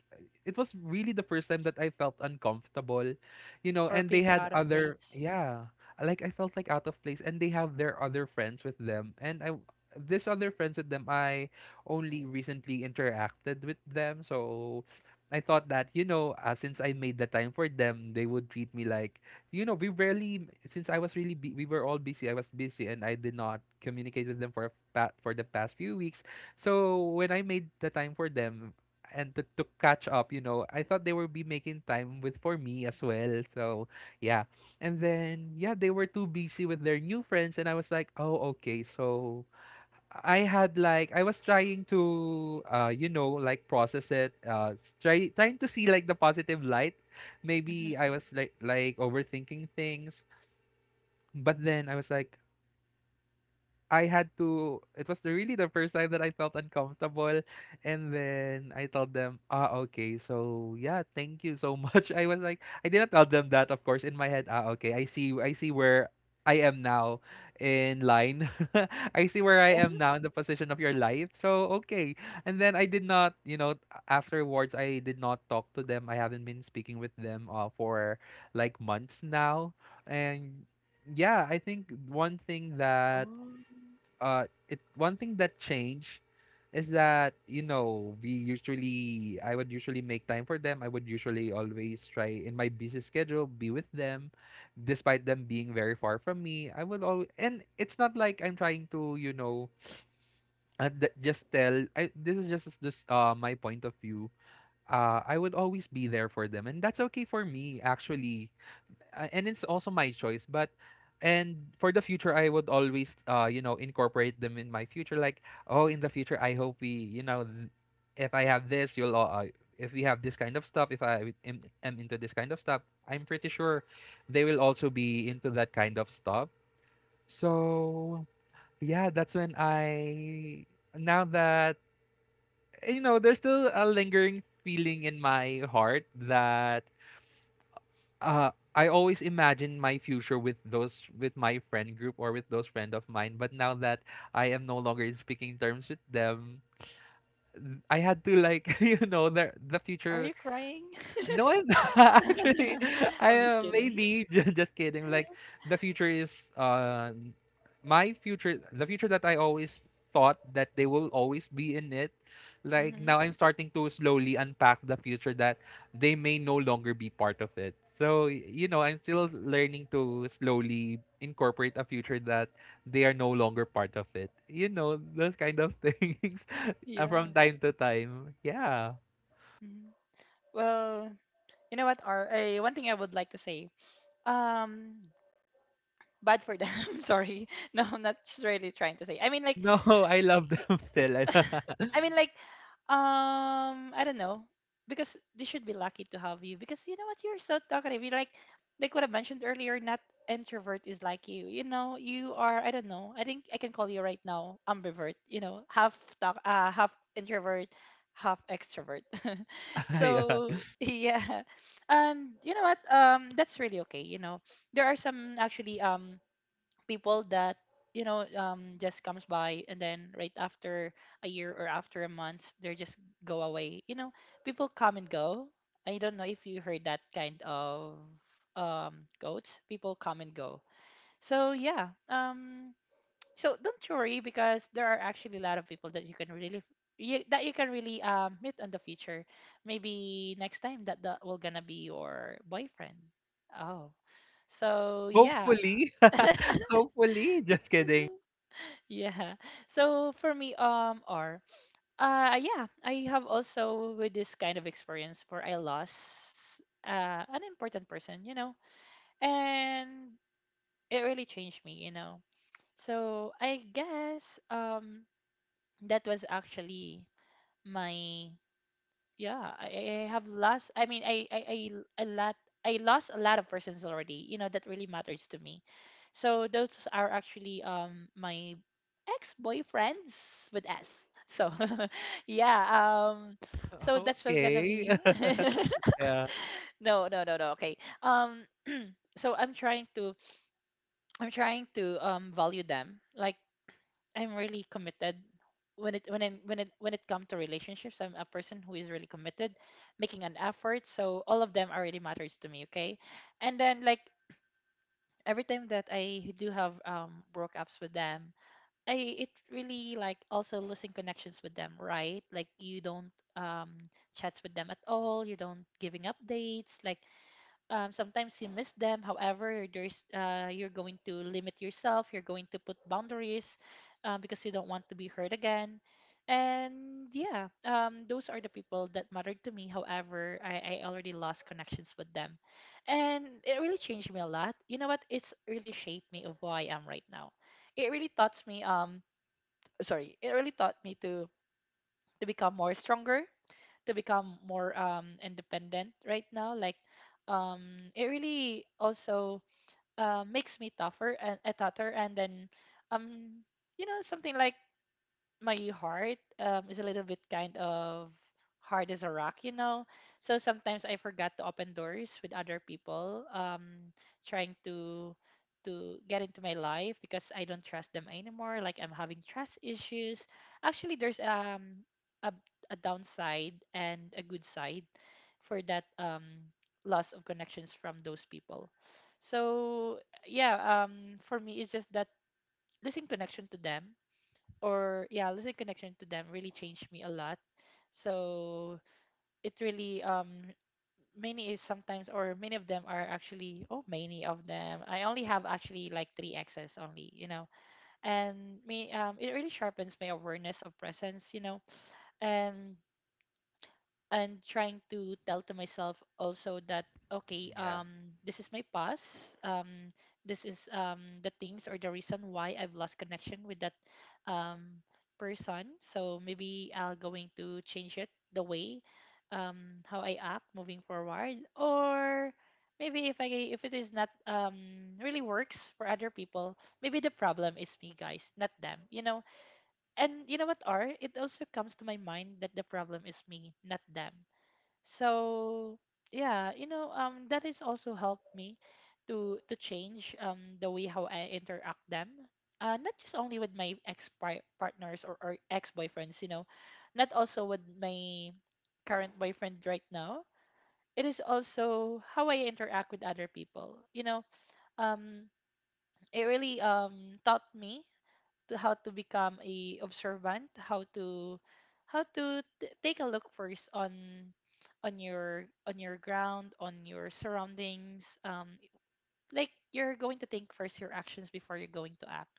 B: it was really the first time that I felt uncomfortable, you know.
A: Or
B: And they
A: being
B: had
A: out of
B: other,
A: place.
B: yeah, like I felt like out of place, and they have their other friends with them, and I this other friends with them I only recently interacted with them. So I thought that, you know, since I made the time for them they would treat me like, you know, we rarely, since I was really we were all busy. I was busy and I did not communicate with them for for the past few weeks. So when I made the time for them and to catch up, you know, I thought they would be making time with for me as well. So yeah, and then yeah, they were too busy with their new friends, and I was like, oh okay, so. I had like I was trying to you know like process it, try trying to see like the positive light, maybe
A: Mhm.
B: I was like overthinking things, but then I was like, I had to, it was the- really the first time that I felt uncomfortable. And then I told them, "Ah, okay. So, yeah, thank you so much." I was like, I didn't tell them that, of course, in my head, "Ah, okay. I see where I am now in line. I see where I am now in the position of your life. So, okay." And then I did not, you know, afterwards I did not talk to them. I haven't been speaking with them for like months now. And yeah, I think one thing that
A: Oh.
B: it one thing that changed is that, you know, we usually I would usually make time for them. I would usually always try in my busy schedule be with them, despite them being very far from me. I would always, and it's not like I'm trying to, you know, just tell. I, this is just my point of view. I would always be there for them, and that's okay for me actually, and it's also my choice. But and for the future I would always, incorporate them in my future. Like, oh, in the future I hope we, if I have this, you'll all if we have this kind of stuff, if I am into this kind of stuff, I'm pretty sure they will also be into that kind of stuff. So yeah, that's when I now that, you know, there's still a lingering feeling in my heart that, uh I always imagine my future with those with my friend group or with those friend of mine. But now that I am no longer in speaking terms with them, I had to like you know the
A: Are
B: future.
A: you crying?
B: No, I'm not. Actually, I
A: I'm just
B: am
A: kidding.
B: maybe, just kidding. Like, the future is my future the future that I always thought that they will always be in it. Like,
A: Hmm.
B: now I'm starting to slowly unpack the future that they may no longer be part of it. So, you know, I'm still learning to slowly incorporate a future that they are no longer part of it. You know, those kind of things,
A: Yeah.
B: from time to time. Yeah.
A: Hmm. Well, you know what? Or, one thing I would like to say. Um, bad for them. Sorry. No, I'm not really trying to say. I mean like
B: No, I love
A: y-
B: them still.
A: I mean like, um, I don't know. Because they should be lucky to have you, because you know what, you're so talkative. You like what I mentioned earlier, not introvert is like you. You know, you are, I don't know. I think I can call you right now ambivert, you know, half introvert, half extrovert.
B: Ayan.
A: So yeah. And you know what? Um, that's really okay, you know. There are some actually, um, people that, you know, just comes by and then right after a year or after a month they just go away, you know. People come and go. I don't know if you heard that kind of, um, quotes. People come and go. So yeah, um, so don't worry, because there are actually a lot of people that you can really, you, that you can really, meet in the future. Maybe next time that will gonna be your boyfriend. Oh. So yeah.
B: Hopefully, hopefully, just kidding.
A: Yeah. So for me, or, yeah, I have also with this kind of experience where I lost, uh, an important person, you know, and it really changed me, you know. So I guess, um, that was actually my, yeah, I have lost, I mean, I a lot. I lost a lot of persons already, you know, that really matters to me. So those are actually, um, my ex-boyfriends with s, so yeah, um, so that's what gonna
B: Okay.
A: be.
B: Yeah.
A: No no no no, okay, um, so I'm trying to, um, value them. Like I'm really committed when it when it comes to relationships. I'm a person who is really committed, making an effort. So all of them are really matters to me. Okay, and then like every time that I do have, um, breakups with them, I it really like also losing connections with them. Right, like you don't, um, chats with them at all. You don't giving updates. Like, sometimes you miss them, however there's, you're going to limit yourself, you're going to put boundaries, because you don't want to be hurt again. And yeah, those are the people that mattered to me, however I already lost connections with them. And it really changed me a lot, you know what, it's really shaped me of who I am right now. It really taught me, um, sorry, it really taught me to become more stronger, to become more, independent right now. Like, it really also, makes me tougher and a tougher, and then, um, you know, something like my heart, is a little bit kind of hard as a rock, you know. So sometimes I forgot to open doors with other people, trying to get into my life because I don't trust them anymore. Like I'm having trust issues. Actually, there's, um, a, a downside and a good side for that, um, loss of connections from those people. So yeah, for me it's just that losing connection to them, or yeah, losing connection to them really changed me a lot. So it really, um, many is sometimes or many of them are actually, oh, many of them. I only have actually like three exes only, you know. And me, um, it really sharpens my awareness of presence, you know. And and trying to tell to myself also that okay,
B: Yeah.
A: um, this is my past, um, this is, um, the things or the reason why I've lost connection with that, um, person. So maybe I'll going to change it the way, um, how I act moving forward. Or maybe if I, if it is not, um, really works for other people, maybe the problem is me, guys, not them, you know. And you know what, are it also comes to my mind that the problem is me, not them. So yeah, you know, um, that has also helped me to change, um, the way how I interact them, not just only with my ex partners, or ex boyfriends, you know. Not also with my current boyfriend right now. It is also how I interact with other people, you know. Um, it really, um, taught me to how to become a observant, how to take a look first on on your ground, on your surroundings. Like you're going to think first your actions before you're going to act.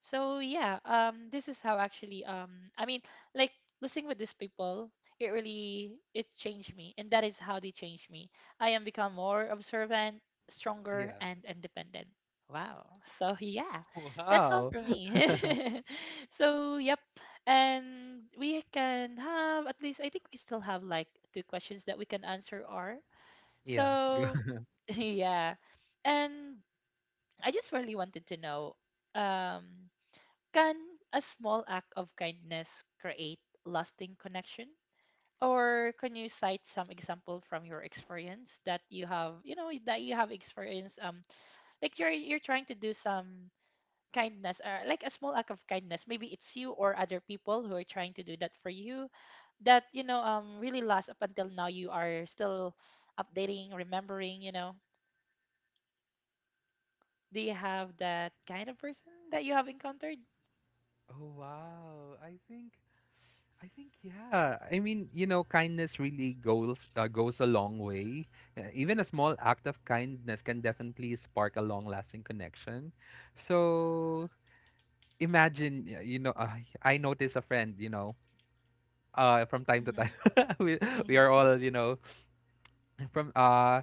A: So yeah, this is how actually, I mean, like listening with these people, it really it changed me, and that is how they changed me. I am become more observant, stronger,
B: Yeah.
A: and independent. Wow. So yeah, that's all
B: Wow.
A: for me. So yep, and we can have at least I think we still have like two questions that we can answer are.
B: Yeah. Go.
A: So yeah, and I just really wanted to know. Um, can a small act of kindness create lasting connection? Or can you cite some example from your experience that you have, you know, that you have experienced like you're trying to do some kindness or like a small act of kindness. Maybe it's you or other people who are trying to do that for you that, you know, really lasts up until now you are still updating, remembering, you know. Do you have that kind of person that you have encountered?
B: Oh, wow. I think yeah. I mean, you know, kindness really goes a long way. Even a small act of kindness can definitely spark a long-lasting connection. So, imagine, you know, I notice a friend, you know, from time to
A: Hmm.
B: time, we, we are all, you know, from uh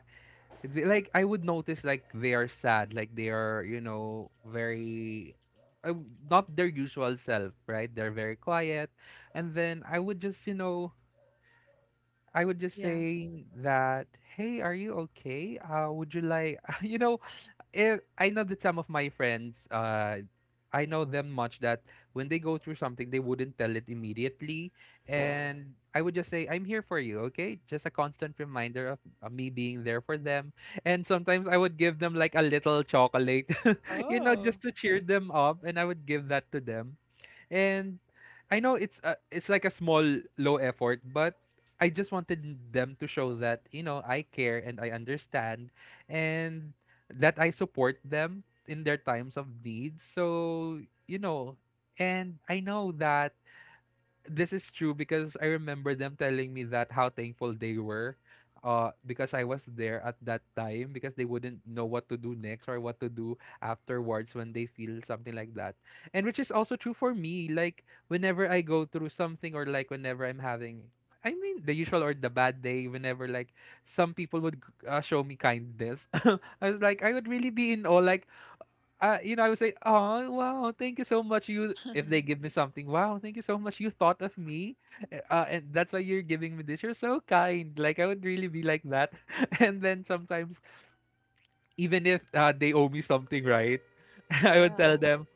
B: like I would notice like they are sad, like they are, you know, very, uh, not their usual self, right? They're very quiet. And then I would just, you know, I would just
A: Yeah.
B: say that, hey, are you okay? Would you like, you know, I know that some of my friends, I know them much that when they go through something, they wouldn't tell it immediately. And I would just say, I'm here for you, okay? Just a constant reminder of me being there for them. And sometimes I would give them like a little chocolate, you know,
A: Oh.
B: just to cheer them up. And I would give that to them. And I know it's it's like a small low effort, but I just wanted them to show that, you know, I care and I understand and that I support them in their times of need. So, you know, and I know that this is true because I remember them telling me that how thankful they were, because I was there at that time, because they wouldn't know what to do next or what to do afterwards when they feel something like that. And which is also true for me, like whenever I go through something, or like whenever I'm having, I mean, the usual or the bad day, whenever like some people would, show me kindness, I was like, I would really be in awe. Like, you know, I would say, "Oh, wow, thank you so much. You," if they give me something, "Wow, thank you so much. You thought of me, and that's why you're giving me this. You're so kind." Like I would really be like that, and then sometimes, even if, they owe me something, right, I would
A: Yeah.
B: tell them,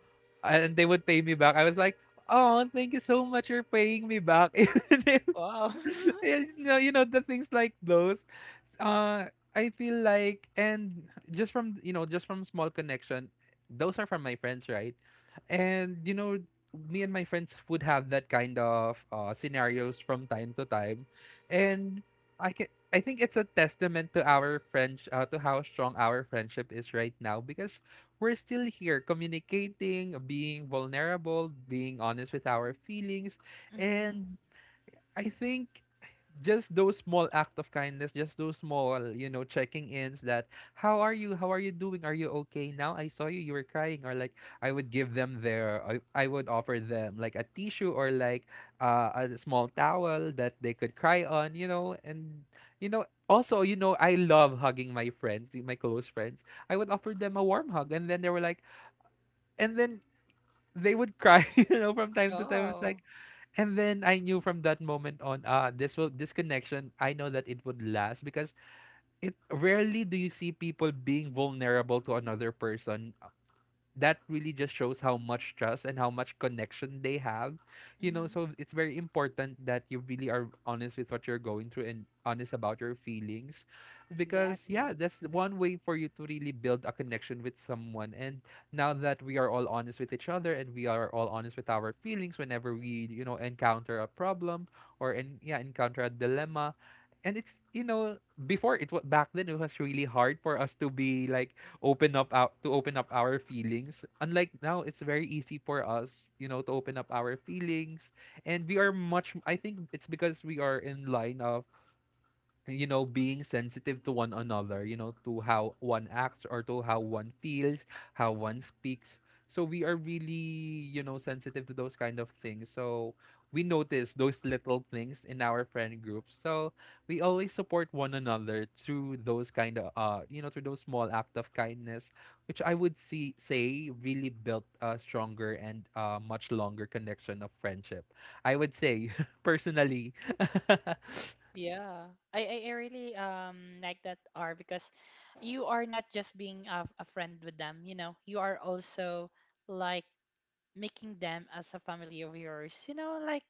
B: and they would pay me back. I was like, "Oh, thank you so much. You're paying me back." Even if,
A: Wow.
B: you know the things like those, uh I feel like, and just from, you know, just from small connection, those are from my friends, right? And you know, me and my friends would have that kind of, scenarios from time to time. And I can, I think it's a testament to our French, to how strong our friendship is right now, because we're still here communicating, being vulnerable, being honest with our feelings.
A: Mm-hmm.
B: And I think just those small act of kindness, just those small, you know, checking ins, that, how are you? How are you doing? Are you okay? Now I saw you, you were crying, or like, I would give them I would offer them like a tissue, or like, a small towel that they could cry on, you know. And you know also, you know, I love hugging my friends, my close friends. I would offer them a warm hug, and then they were like, and then they would cry, you know, from time to time. It's
A: Oh.
B: like, and then I knew from that moment on, ah, this will this connection, I know that it would last, because it rarely do you see people being vulnerable to another person. That really just shows how much trust and how much connection they have, you know.
A: Mm-hmm.
B: So it's very important that you really are honest with what you're going through and honest about your feelings. Because yeah,
A: Exactly.
B: that's the one way for you to really build a connection with someone. And now that we are all honest with each other, and we are all honest with our feelings, whenever we, you know, encounter a problem, yeah, encounter a dilemma, and it's, you know, before, it was back then, it was really hard for us to be like, open up our feelings. Unlike now, it's very easy for us, you know, to open up our feelings. And we are much, I think it's because we are in line of, you know, being sensitive to one another, you know, to how one acts, or to how one feels, how one speaks. So we are really, you know, sensitive to those kind of things. So we notice those little things in our friend group. So we always support one another through those kind of, you know, through those small act of kindness, which I would see say really built a stronger and, much longer connection of friendship, I would say, personally.
A: Yeah. I really like that R because you are not just being a friend with them, you know. You are also like making them as a family of yours. You know, like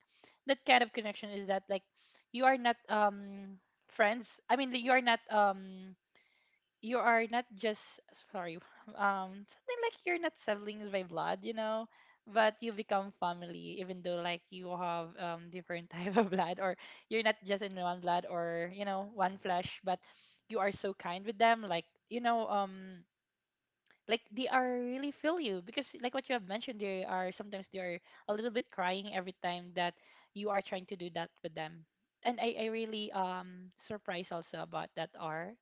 A: that kind of connection is that like you are not friends. I mean, you are not just sorry. Something like you're not siblings by blood, you know, but you become family even though like you have different type of blood, or you're not just in one blood or you know one flesh, but you are so kind with them like you know like they are really feel you because like what you have mentioned they are sometimes they are a little bit crying every time that you are trying to do that with them. And I really surprised also about that are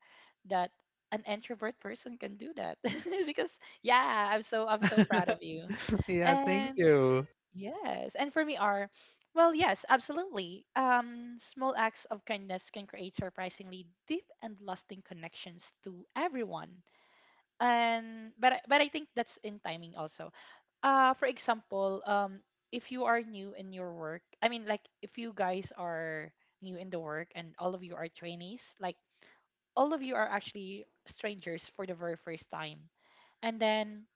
A: that an introvert person can do that. Because yeah, I'm so proud of you.
B: Yeah, thank
A: And
B: you.
A: yes, and for me are, well yes, absolutely, small acts of kindness can create surprisingly deep and lasting connections to everyone. And but I think that's in timing also. For example, if you are new in your work, I mean like if you guys are new in the work and all of you are trainees, like all of you are actually strangers for the very first time. And then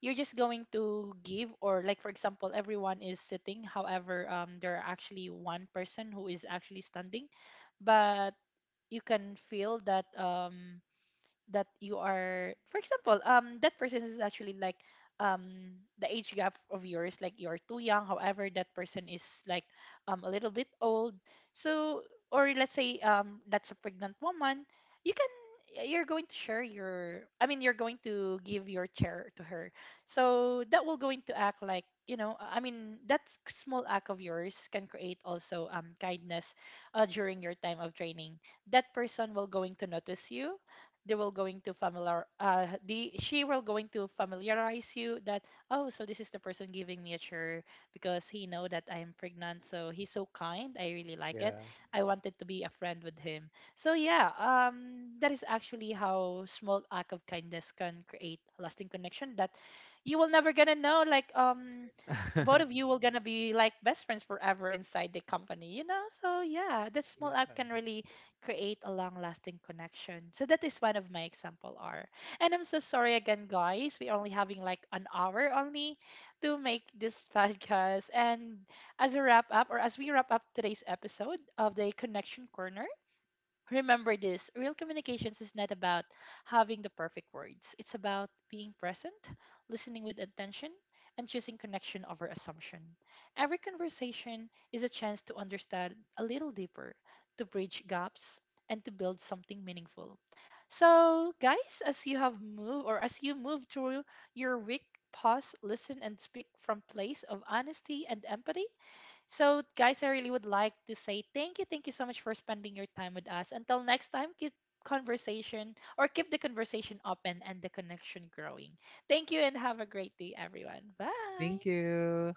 A: you're just going to give, or like for example everyone is sitting, however there are actually one person who is actually standing. But you can feel that that you are, for example, that person is actually like the age gap of yours, like you're too young, however that person is like a little bit old. So, or let's say that's a pregnant woman. You can, you're going to share your, I mean you're going to give your chair to her. So that will going to act like you know, I mean that small act of yours can create also kindness during your time of training. That person will going to notice you. They will going to familiar uh, the she will going to familiarize you that, oh, so this is the person giving me a chur because he know that I am pregnant, so he's so kind, I really like it.
B: Yeah.
A: I wanted to be a friend with him. So yeah, that is actually how small act of kindness can create a lasting connection, that you will never gonna know like both of you will gonna be like best friends forever inside the company, you know. So yeah, that small
B: Yeah.
A: act can really create a long-lasting connection. So that is one of my example are. And I'm so sorry again, guys. We're only having like an hour only to make this podcast. And as a wrap up, or as we wrap up today's episode of the Connection Corner, remember this, real communications is not about having the perfect words, it's about being present, listening with attention, and choosing connection over assumption. Every conversation is a chance to understand a little deeper, to bridge gaps, and to build something meaningful. So, guys, as you have moved or as you move through your week, pause, listen, and speak from place of honesty and empathy. So, guys, I really would like to say thank you. Thank you so much for spending your time with us. Until next time, keep conversation or keep the conversation open and the connection growing. Thank you and have a great day, everyone. Bye.
B: Thank you.